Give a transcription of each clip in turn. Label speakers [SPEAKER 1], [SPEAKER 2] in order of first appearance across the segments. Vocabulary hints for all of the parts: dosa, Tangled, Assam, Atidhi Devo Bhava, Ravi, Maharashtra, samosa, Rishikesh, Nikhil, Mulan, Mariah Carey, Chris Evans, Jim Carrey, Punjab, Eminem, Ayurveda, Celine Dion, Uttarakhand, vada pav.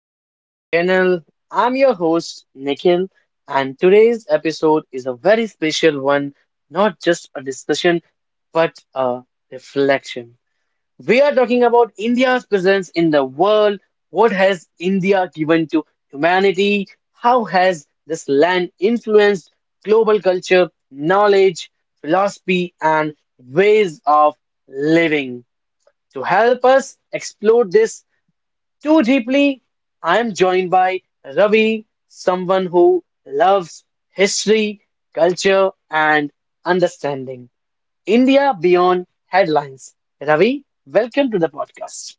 [SPEAKER 1] back to the channel. I'm your host, Nikhil, and today's episode is a very special one, not just a discussion, but a reflection. We are talking about India's presence in the world. What has India given to humanity? How has this land influenced global culture, knowledge, philosophy, and ways of living? To help us explore this too deeply, I am joined by Ravi, someone who loves history, culture, and understanding India beyond headlines. Ravi, welcome to the podcast.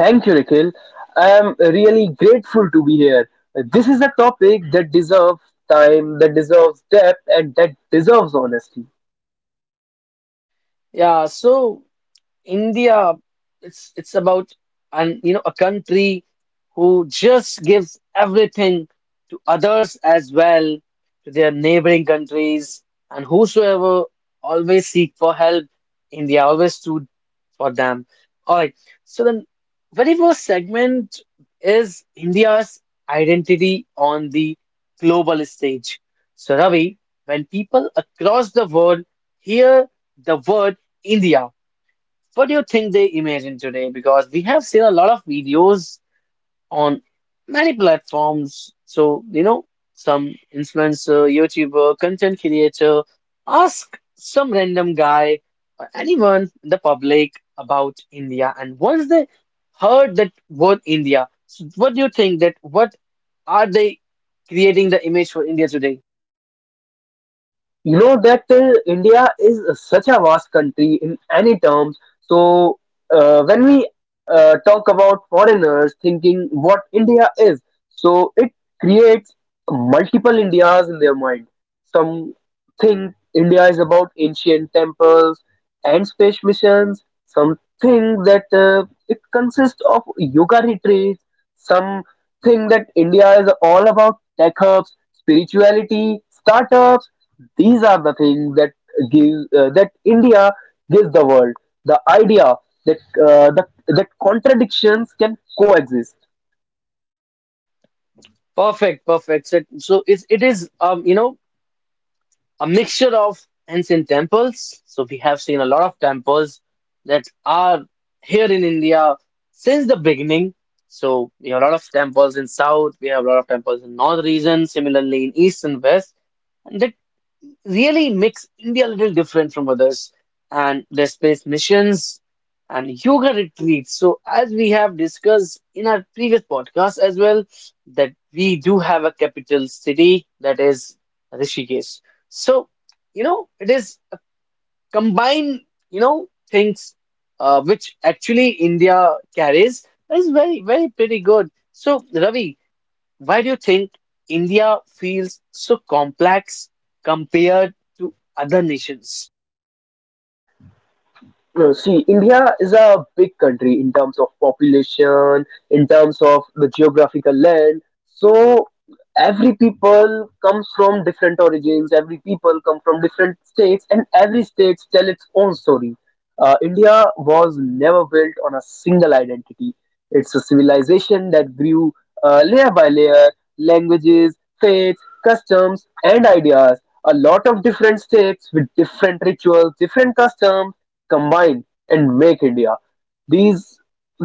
[SPEAKER 2] Thank you, Nikhil. I am really grateful to be here. This is a topic that deserves time, that deserves depth, and that deserves honesty.
[SPEAKER 1] Yeah, so India, it's about and you know a country who just gives everything to others as well, to their neighboring countries, and whosoever always seek for help, India always stood for them. All right. So then, very first segment is India's identity on the global stage. So Ravi, when people across the world hear the word India. What do you think they imagine today? Because we have seen a lot of videos on many platforms. So, you know, some influencer, YouTuber, content creator ask some random guy or anyone in the public about India. And once they heard that word India, so what do you think that what are they creating the image for India today?
[SPEAKER 2] You know that India is such a vast country in any terms. So when we talk about foreigners thinking what India is, so it creates multiple Indias in their mind. Some think India is about ancient temples and space missions. Some think that it consists of yoga retreats. Some think that India is all about tech hubs, spirituality, startups. These are the things that give that India gives the world the idea that contradictions can coexist.
[SPEAKER 1] Perfect, perfect. So it is you know a mixture of ancient temples. So we have seen a lot of temples that are here in India since the beginning. So we have a lot of temples in south, we have a lot of temples in north region, similarly in east and west. And that really makes India a little different from others, and the space missions and yoga retreats. So, as we have discussed in our previous podcast as well, that we do have a capital city that is Rishikesh. So, you know, it is a combined, you know, things which actually India carries. That is very, very pretty good. So, Ravi, why do you think India feels so complex compared to other nations?
[SPEAKER 2] No, see, India is a big country in terms of population, in terms of the geographical land. So every people comes from different origins. Every people come from different states, and every state tell its own story. India was never built on a single identity. It's a civilization that grew layer by layer, languages, faiths, customs, and ideas. A lot of different states with different rituals, different customs combine and make India. These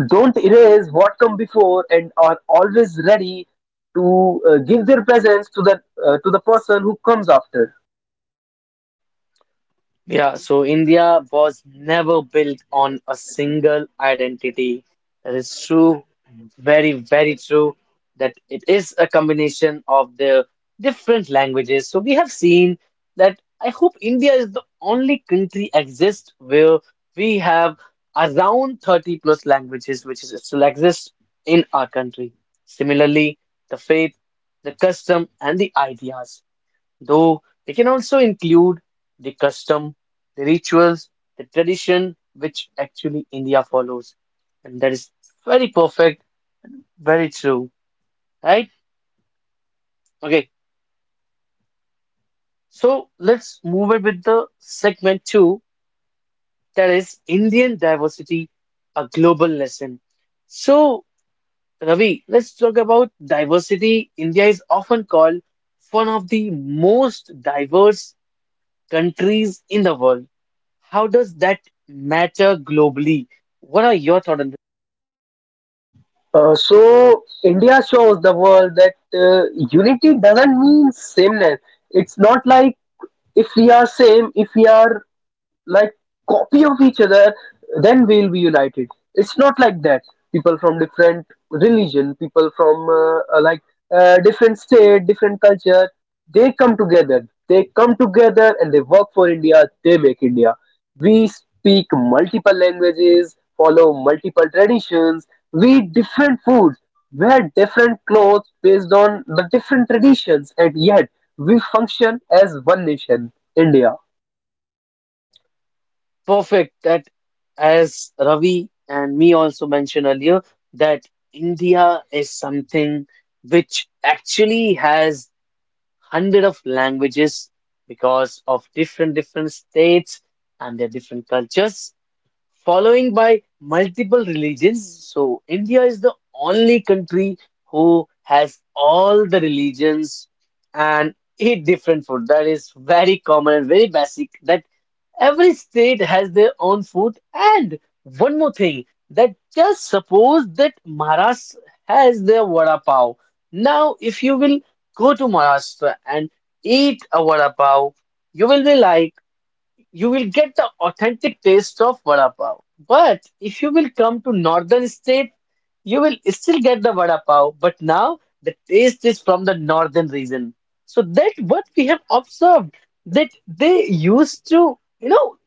[SPEAKER 2] don't erase what come before and are always ready to give their presence to the person who comes after.
[SPEAKER 1] Yeah, so India was never built on a single identity. That is true. Very, very true, that it is a combination of the different languages. So we have seen that I hope India is the only country exist where we have around 30 plus languages which is still exist in our country. Similarly, the faith, the custom, and the ideas, though they can also include the custom, the rituals, the tradition which actually India follows. And that is very perfect, very true, right? Okay, so let's move it with the segment two, that is Indian diversity, a global lesson. So, Ravi, let's talk about diversity. India is often called one of the most diverse countries in the world. How does that matter globally? What are your thoughts on
[SPEAKER 2] So India shows the world that unity doesn't mean sameness. It's not like if we are same, if we are like copy of each other, then we'll be united. It's not like that. People from different religion, people from like different state, different culture, they come together. They come together and they work for India. They make India. We speak multiple languages, follow multiple traditions. We eat different foods, wear different clothes based on the different traditions, and yet we function as one nation, India.
[SPEAKER 1] perfect that as Ravi and me also mentioned earlier, that India is something which actually has hundred of languages because of different states and their different cultures, following by multiple religions. So India is the only country who has all the religions and eat different food. That is very common and very basic. That every state has their own food. And one more thing, that just suppose that Maharashtra has their vada pav. Now, if you will go to Maharashtra and eat a vada pav, you will be like, you will get the authentic taste of vada pav. But if you will come to northern state, you will still get the vada pav, but now the taste is from the northern region. So that what we have observed, that they used to, you know,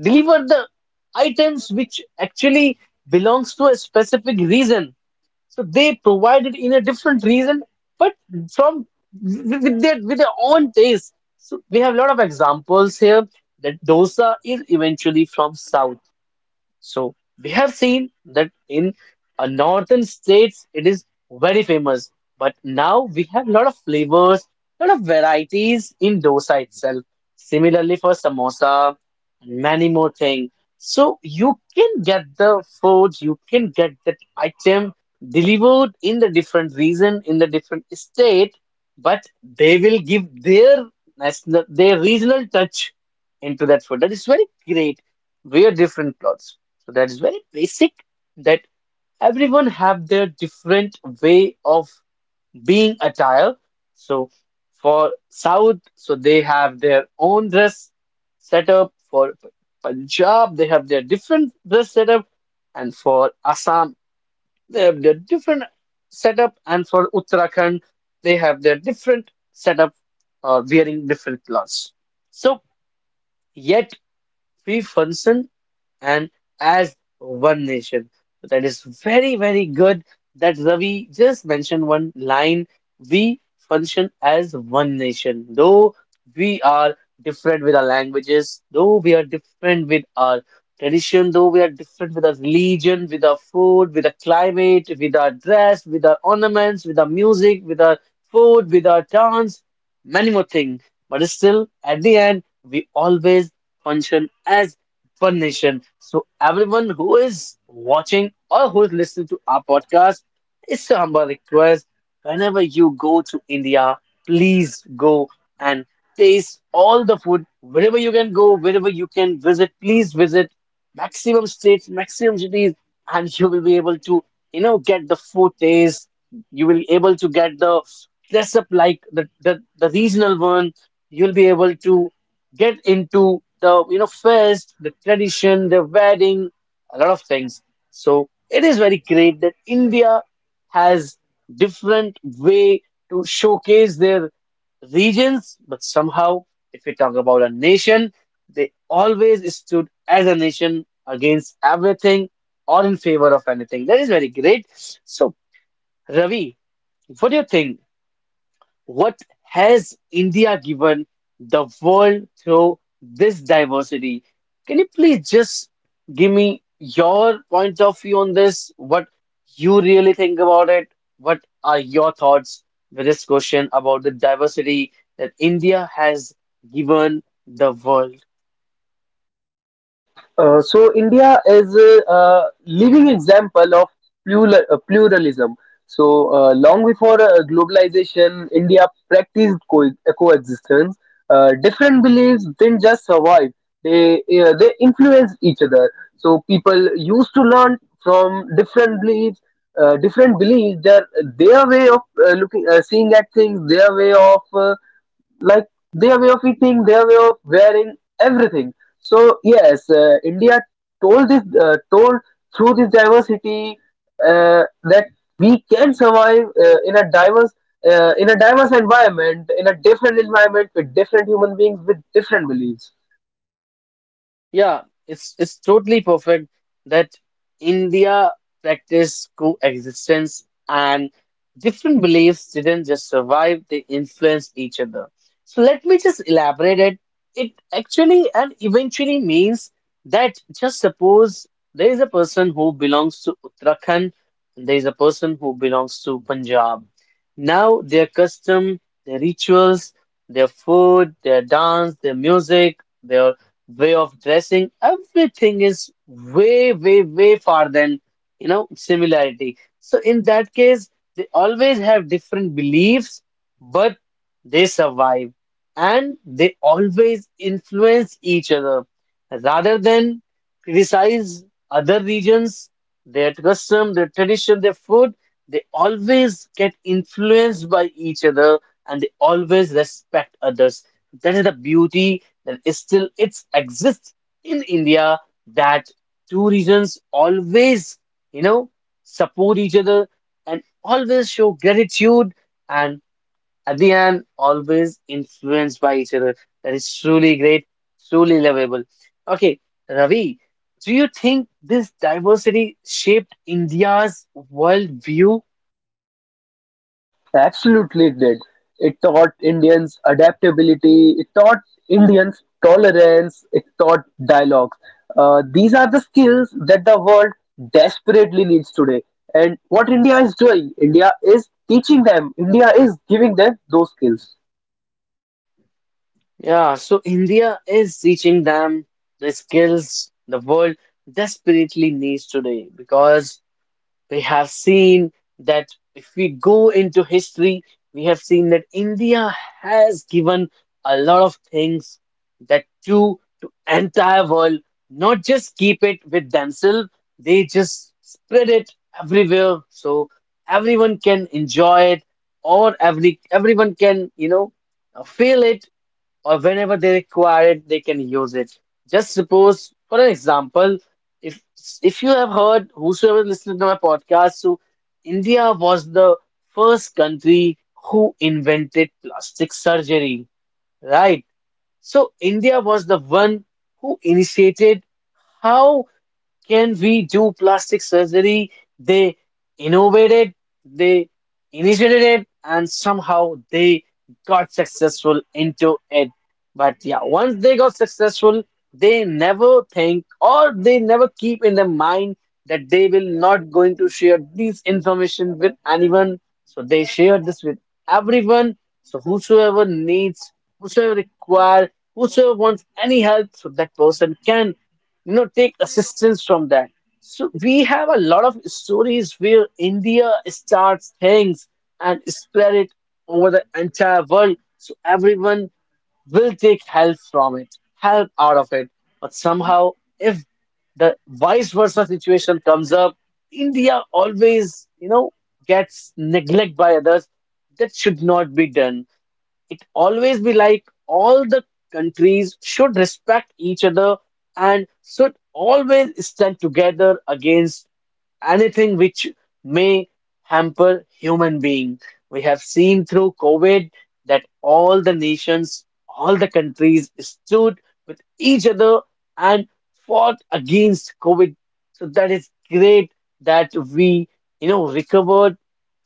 [SPEAKER 1] deliver the items which actually belongs to a specific reason, so they provided in a different reason, but from with their with their own taste. So we have a lot of examples here, that dosa is eventually from south. So we have seen that in northern states it is very famous, but now we have a lot of flavors, lot of varieties in dosa itself. Similarly for samosa, many more things. So you can get the food, you can get that item delivered in the different region, in the different state, but they will give their national, their regional touch into that food. That is very great. Wear different clothes. So that is very basic, that everyone have their different way of being attire. So for South, so they have their own dress setup. For Punjab, they have their different dress setup, and for Assam, they have their different setup, and for Uttarakhand, they have their different setup or wearing different clothes. So yet we function and as one nation. So that is very, very good, that Ravi just mentioned one line. We function as one nation, though we are different with our languages, though we are different with our tradition, though we are different with our religion, with our food, with our climate, with our dress, with our ornaments, with our music, with our food, with our dance, many more things. But still, at the end, we always function as Fun Nation. So everyone who is watching or who is listening to our podcast, it's a humble request. Whenever you go to India, please go and taste all the food. Wherever you can go, wherever you can visit, please visit maximum states, maximum cities, and you will be able to, you know, get the food taste. You will be able to get the dress up like the regional one. You'll be able to get into the fest, the tradition, the wedding, a lot of things. So it is very great that India has different way to showcase their regions, but somehow if we talk about a nation, they always stood as a nation against everything or in favor of anything. That is very great. So Ravi, what do you think? What has India given the world through this diversity? Can you please just give me your point of view on this? What you really think about it? What are your thoughts with this question about the diversity that India has given the world?
[SPEAKER 2] So India is a living example of pluralism. So long before globalization, India practiced coexistence. Different beliefs didn't just survive; they they influenced each other. So people used to learn from different beliefs, their way of looking, seeing at things, their way of like their way of eating, their way of wearing everything. So yes, India told this told through this diversity that we can survive, in a diverse environment, in a different environment with different human beings with different beliefs.
[SPEAKER 1] Yeah, it's totally perfect that India practiced coexistence and different beliefs didn't just survive, they influenced each other. So let me just elaborate it. It actually and eventually means that just suppose there is a person who belongs to Uttarakhand, and there is a person who belongs to Punjab. Now their custom, their rituals, their food, their dance, their music, their way of dressing, everything is way, way, way far than, you know, similarity. So in that case, they always have different beliefs, but they survive and they always influence each other. Rather than criticize other regions, their custom, their tradition, their food, they always get influenced by each other and they always respect others. That is the beauty, then still it exists in India, that two regions always, you know, support each other and always show gratitude and at the end always influenced by each other. That is truly great, truly lovable. Okay, Ravi, do you think this diversity shaped India's worldview?
[SPEAKER 2] Absolutely, it did. It taught Indians adaptability, it taught Indians tolerance, it taught dialogue. These are the skills that the world desperately needs today. And what India is doing, India is teaching them, India is giving them those skills.
[SPEAKER 1] Yeah, so India is teaching them the skills the world desperately needs today, because we have seen that if we go into history, we have seen that India has given a lot of things that to entire world, not just keep it with themselves, they just spread it everywhere so everyone can enjoy it or everyone can, you know, feel it or whenever they require it, they can use it. Just suppose, for an example, if if you have heard whosoever listened to my podcast, so India was the first country who invented plastic surgery, right? So India was the one who initiated how can we do plastic surgery? They innovated, they initiated it, and somehow they got successful into it. But yeah, once they got successful, they never think or they never keep in their mind that they will not going to share this information with anyone. So they share this with everyone. So whosoever needs, whosoever require, whosoever wants any help, so that person can, you know, take assistance from that. So we have a lot of stories where India starts things and spread it over the entire world, so everyone will take help from it, help out of it. But somehow, if the vice versa situation comes up, India always, you know, gets neglect by others. That should not be done. It always be like all the countries should respect each other and should always stand together against anything which may hamper human being. We have seen through COVID that all the nations, all the countries stood with each other and fought against COVID. So that is great that we, you know, recovered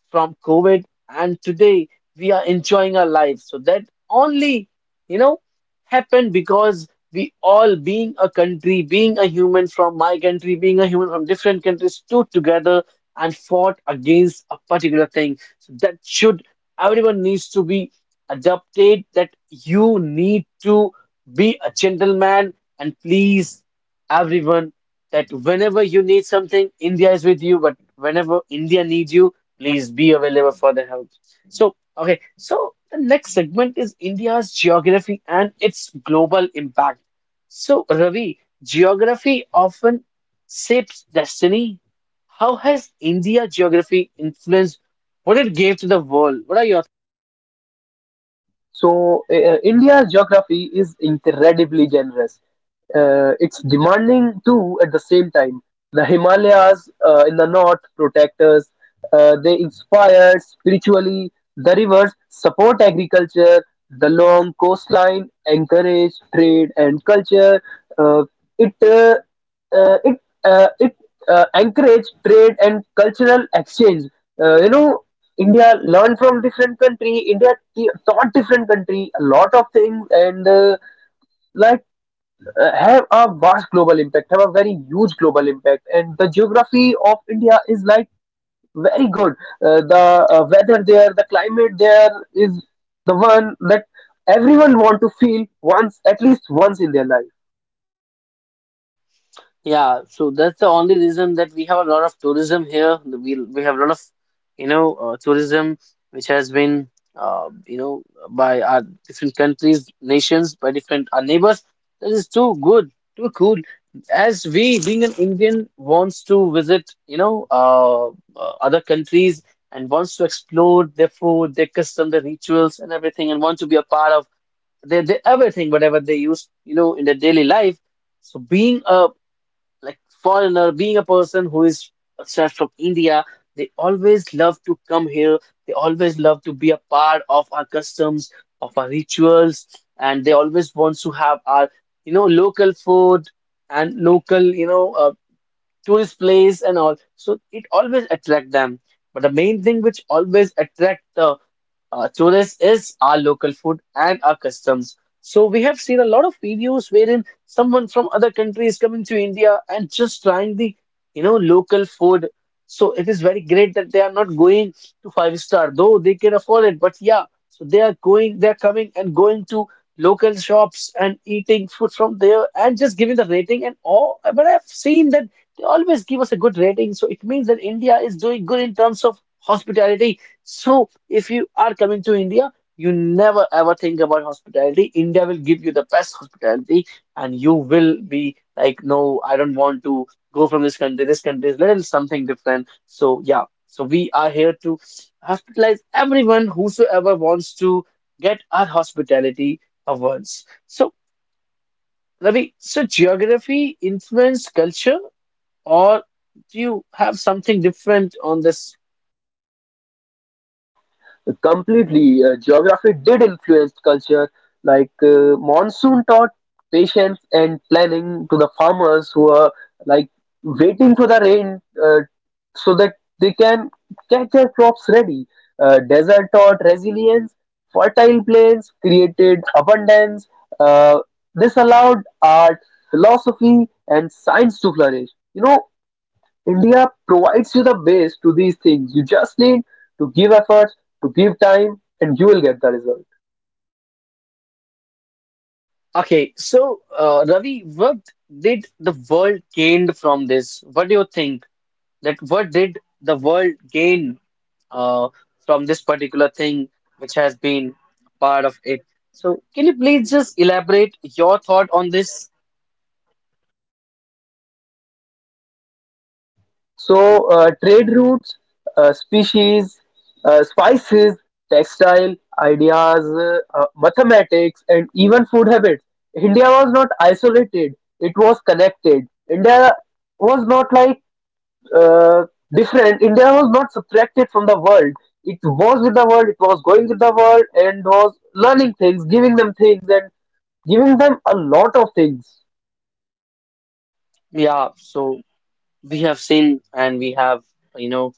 [SPEAKER 1] from COVID and today we are enjoying our life. So that only, you know, happened because we all being a country being a human from my country being a human from different countries stood together and fought against a particular thing so that should everyone needs to be adopted that you need to be a gentleman and please everyone that whenever you need something India is with you but whenever India needs you please be available for the help so okay so the next segment is India's geography and its global impact so, Ravi, geography often shapes destiny. How has India geography influenced what it gave to the world? What are your
[SPEAKER 2] So, India's geography is incredibly generous. It's demanding too at the same time. The Himalayas in the north protect us, they inspire spiritually. The rivers support agriculture, the long coastline encourage trade and culture. Uh, it uh, uh, it it encourage trade and cultural exchange. Uh, you know, India learned from different country. India taught different country a lot of things, and like have a vast global impact. Have a very huge global impact, and the geography of India is like very good. The weather there, the climate there is the one that everyone want to feel once, at least once in their life.
[SPEAKER 1] Yeah, so that's the only reason that we have a lot of tourism here. We have a lot of, tourism which has been, uh, you know, by our different countries, nations, by different our neighbors. That is too good, too cool. As we, being an Indian, wants to visit, other countries and wants to explore their food, their custom, their rituals, and everything, and want to be a part of their everything, whatever they use, in their daily life. So being a like foreigner being a person who is such from India they always love to come here they always love to be a part of our customs of our rituals and they always want to have our local food and local tourist place and all so it always attract them but the main thing which always attract the chores is our local food and our customs. So we have seen a lot of videos wherein someone from other country is coming to India and just trying the, local food. So it is very great that they are not going to five star, though they can afford it. But yeah, so they are coming and going to local shops and eating food from there and just giving the rating and all. But I've seen that they always give us a good rating. So it means that India is doing good in terms of hospitality so, if you are coming to India, you never ever think about hospitality. India will give you the best hospitality, and you will be like, no, I don't want to go from this country. This country is little something different. So, yeah, so we are here to hospitalize everyone whosoever wants to get our hospitality awards. So, Ravi, so geography influence culture, or do you have something different on this
[SPEAKER 2] Completely, geography did influence culture. Like monsoon taught patience and planning to the farmers who are like waiting for the rain, so that they can get their crops ready. Desert taught resilience, fertile plains created abundance. Uh, this allowed art, philosophy, and science to flourish. You know, India provides you the base to these things. You just need to give effort, to give time, and you will get the result.
[SPEAKER 1] Okay, so Ravi, what did the world gained from this? What do you think that what did the world gain uh, from this particular thing which has been part of it? So can you please just elaborate your thought on this?
[SPEAKER 2] So, trade routes, uh, species, spices, textile, ideas, mathematics, and even food habits. India was not isolated, it was connected. India was not like uh, different, India was not subtracted from the world. It was with the world, it was going with the world, and was learning things, giving them things, and giving them a lot of things.
[SPEAKER 1] Yeah, so we have seen and we have, you know,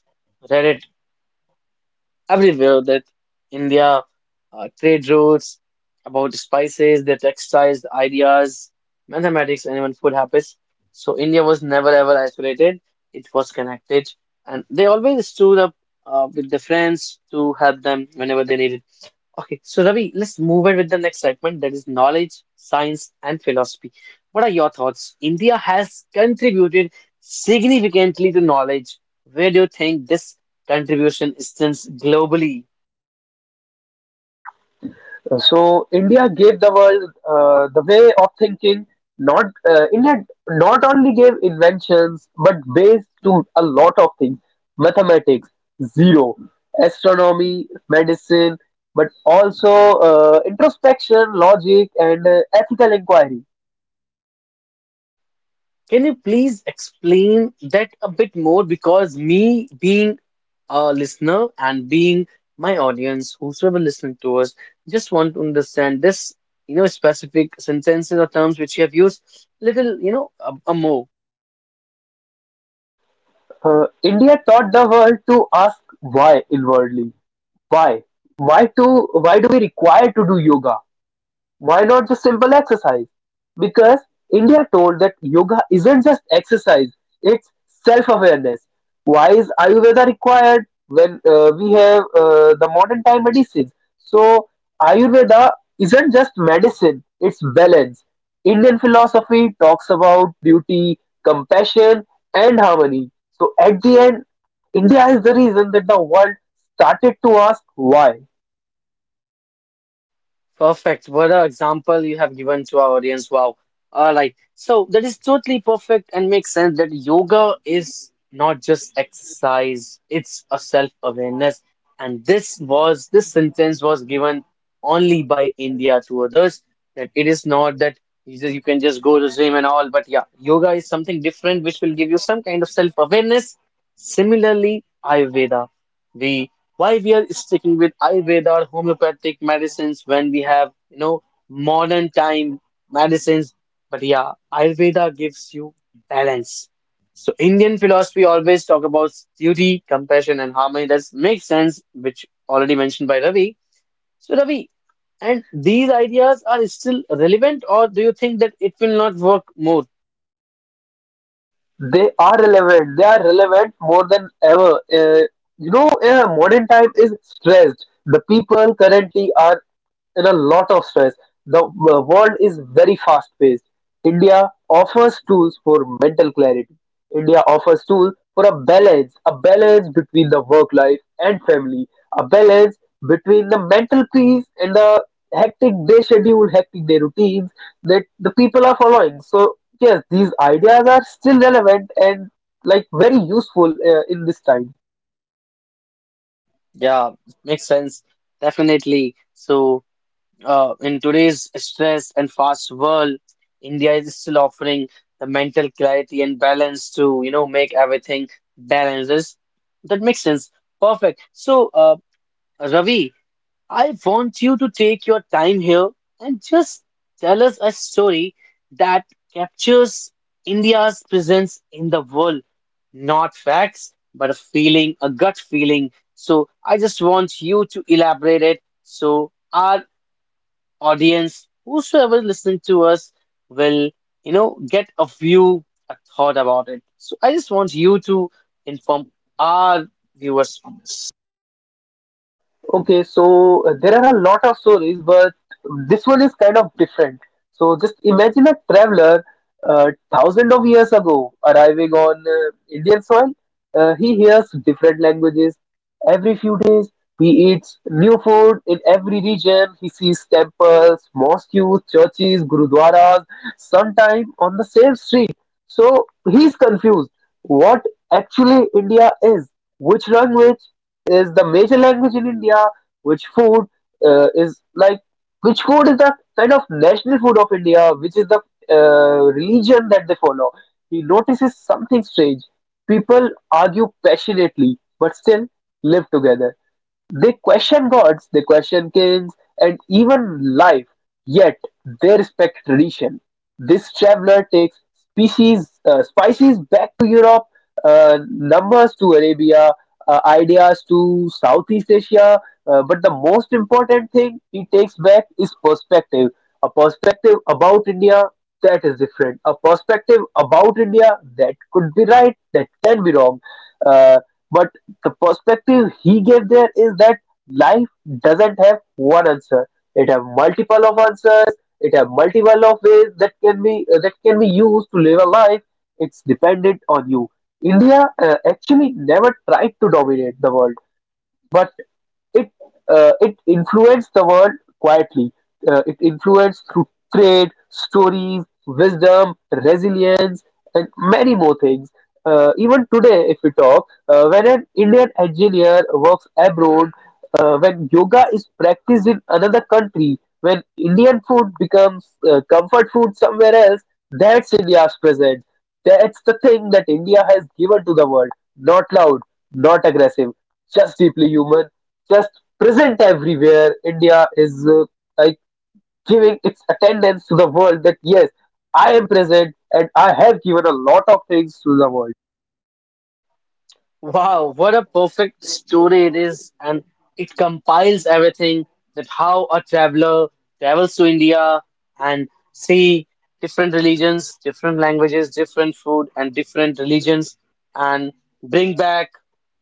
[SPEAKER 1] read it everywhere that India trade routes, about spices, their textiles, ideas, mathematics, and even food habits. So India was never ever isolated. It was connected, and they always stood up with the friends to help them whenever they needed Okay, so Ravi, let's move on with the next segment that is knowledge, science, and philosophy. What are your thoughts? India has contributed significantly to knowledge. Where do you think this contribution stands globally?
[SPEAKER 2] So India gave the world the way of thinking. Not India not only gave inventions but ways to a lot of things: mathematics, zero, astronomy, medicine, but also introspection, logic, and ethical inquiry.
[SPEAKER 1] Can you please explain that a bit more? Because me being a listener and being my audience, whosoever listening to us, just want to understand this, specific sentences or terms which you have used little, a more.
[SPEAKER 2] India taught the world to ask why inwardly. Why? Why to? Why do we require to do yoga? Why not just simple exercise? Because India told that yoga isn't just exercise, it's self awareness. Why is Ayurveda required when we have the modern time medicine? So, Ayurveda isn't just medicine, it's balance. Indian philosophy talks about beauty, compassion, and harmony. So, at the end, India is the reason that the world started to ask why.
[SPEAKER 1] Perfect. What an example you have given to our audience. Wow. All right. So that is totally perfect and makes sense that yoga is not just exercise, it's a self-awareness. And this sentence was given only by India to others, that it is not that you can just go to gym and all, but yeah, yoga is something different which will give you some kind of self-awareness. Similarly, Ayurveda why we are sticking with Ayurveda or homeopathic medicines when we have, modern time medicines. But yeah, Ayurveda gives you balance. So Indian philosophy always talk about duty, compassion, and harmony. That makes sense, which already mentioned by Ravi. So Ravi, and these ideas are still relevant, or do you think that it will not work more?
[SPEAKER 2] They are relevant more than ever, yeah. Modern time is stressed, the people currently are and a lot of stress. The world is very fast paced. India offers tools for mental clarity. India offers tools for a balance between the work life and family, a balance between the mental peace and the hectic day schedule, hectic day routines that the people are following. So, yes, these ideas are still relevant and like very useful in this time.
[SPEAKER 1] Yeah, makes sense. Definitely. So. In today's stress and fast world, India is still offering the mental clarity and balance to, make everything balances. That makes sense. Perfect. So, Ravi, I want you to take your time here and just tell us a story that captures India's presence in the world. Not facts, but a feeling, a gut feeling. So, I just want you to elaborate it so our audience, whosoever listening to us will, get a view, a thought about it. So I just want you to inform our viewers on this.
[SPEAKER 2] Okay, so there are a lot of stories, but this one is kind of different. So just imagine a traveler thousands of years ago arriving on Indian soil. He hears different languages every few days. He eats new food in every region. He sees temples, mosques, churches, gurudwaras, sometimes on the same street. So he's confused what actually India is, which language is the major language in India, which food uh, is like which food is the kind of national food of India, which is the religion that they follow. He notices something strange. People argue passionately but still live together. They question gods, they question kings, and even life, yet they respect tradition. This traveler takes spices back to Europe, numbers to Arabia, ideas to Southeast Asia, but the most important thing he takes back is perspective. A perspective about India that is different. A perspective about India that could be right, that can be wrong. Uh, but the perspective he gave there is that life doesn't have one answer. It have multiple of answers. It have multiple of ways that can be used to live a life. It's dependent on you. India actually never tried to dominate the world. But. It it influenced the world quietly. It influenced through trade, stories, wisdom, resilience, and many more things. Even today, if we talk, when an Indian engineer works abroad, when yoga is practiced in another country, when Indian food becomes comfort food somewhere else, that's India's presence. That's the thing that India has given to the world. Not loud, not aggressive, just deeply human, just present everywhere. India is like giving its attendance to the world that yes, I am present and I have given a lot of things to the world.
[SPEAKER 1] Wow, what a perfect story it is, and it compiles everything that how a traveler travels to India and see different religions, different languages, different food, and different religions, and bring back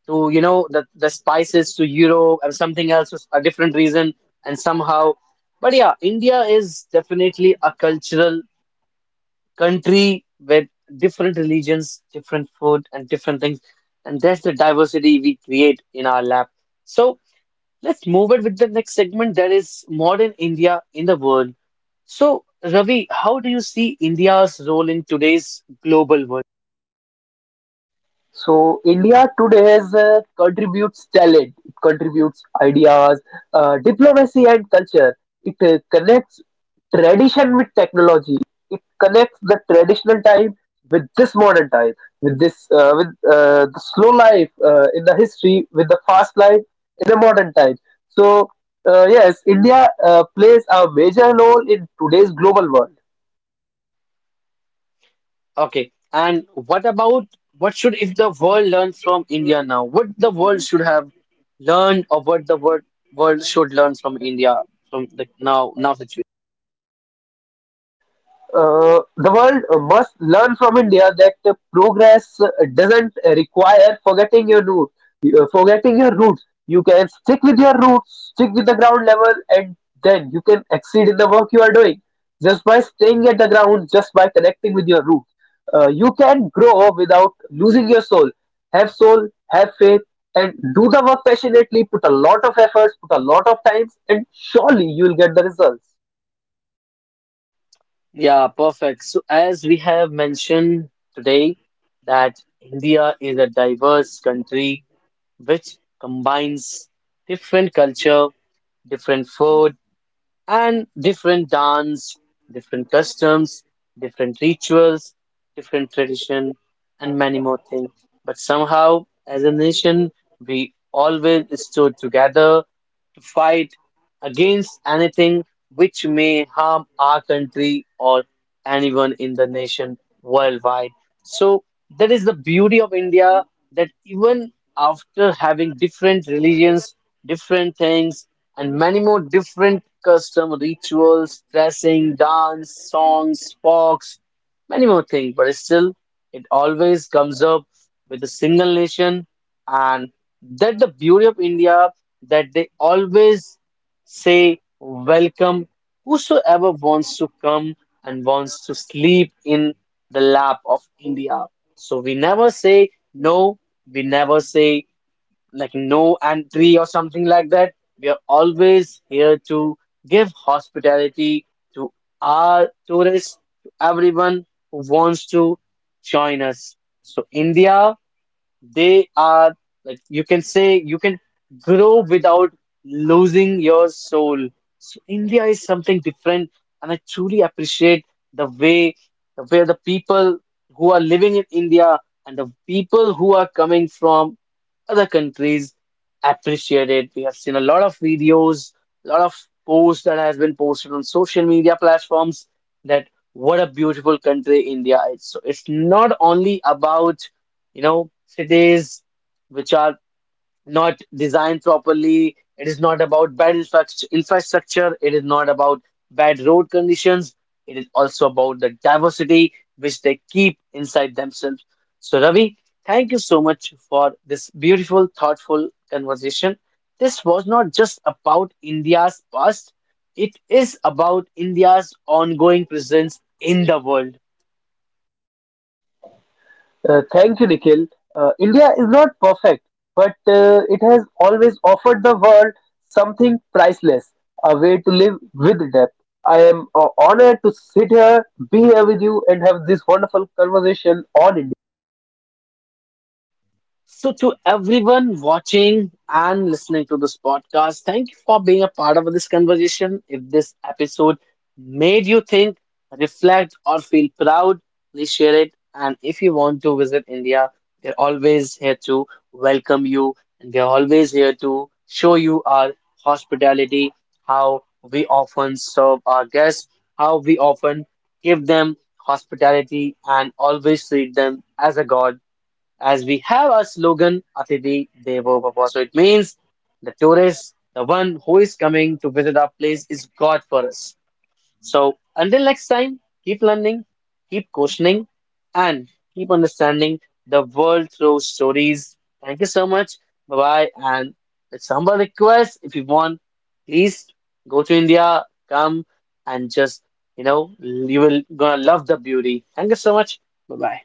[SPEAKER 1] to the spices to Europe and something else is a different reason, and somehow, but yeah, India is definitely a cultural country with different religions, different food, and different things. And that's the diversity we create in our lab. So let's move it with the next segment that is modern India in the world. So, Ravi, how do you see India's role in today's global world?
[SPEAKER 2] So India today has, contributes talent, it contributes ideas, diplomacy and culture. It connects tradition with technology. It connects the traditional time with this modern time, with the slow life in the history, with the fast life in the modern time. So yes, India plays a major role in today's global world.
[SPEAKER 1] Okay. And what about what should if the world learns from India now? What the world should have learned or what the world should learn from India from the now situation?
[SPEAKER 2] The world must learn from India that progress doesn't require forgetting your roots. Forgetting your roots, you can stick with your roots, stick with the ground level, and then you can exceed in the work you are doing just by staying at the ground, just by connecting with your roots. You can grow without losing your soul. Have soul, have faith, and do the work passionately. Put a lot of efforts, put a lot of times, and surely you will get the results.
[SPEAKER 1] Yeah, perfect. So, as we have mentioned today, that India is a diverse country which combines different culture, different food, and different dance, different customs, different rituals, different tradition, and many more things. But somehow, as a nation, we always stood together to fight against anything which may harm our country or anyone in the nation worldwide. So that is the beauty of India that even after having different religions, different things, and many more different custom rituals, dressing, dance, songs, sports, many more things, but still it always comes up with a single nation and that the beauty of India that they always Say, Welcome, whosoever wants to come and wants to sleep in the lap of India. So we never say no, we never say like no entry or something like that. We are always here to give hospitality to our tourists, to everyone who wants to join us. So, India they are like you can say you can grow without losing your soul. So India is something different, and I truly appreciate the way the way the people who are living in India and the people who are coming from other countries appreciate it. We have seen a lot of videos, a lot of posts that has been posted on social media platforms that what a beautiful country India is. So it's not only about cities which are not designed properly. It is not about infrastructure. It is not about bad road conditions. It is also about the diversity which they keep inside themselves. So, Ravi, thank you so much for this beautiful, thoughtful conversation. This was not just about India's past, it is about India's ongoing presence in the world.
[SPEAKER 2] Thank you, Nikhil. India is not perfect, but it has always offered the world something priceless, a way to live with depth. I am honored to sit here, be here with you, and have this wonderful conversation on India.
[SPEAKER 1] So, to everyone watching and listening to this podcast, thank you for being a part of this conversation. If this episode made you think, reflect, or feel proud, please share it. And if you want to visit India, they're always here to welcome you and they're always here to show you our hospitality, how we often serve our guests, how we often give them hospitality, and always treat them as a god as we have our slogan Atidhi Devo Bhava. So it means the tourist, the one who is coming to visit our place, is God for us. So until next time, keep learning, keep questioning, and keep understanding the world through stories. Thank you so much. Bye bye. And it's humble request if you want, please go to India, come and just you will gonna love the beauty. Thank you so much. Bye bye.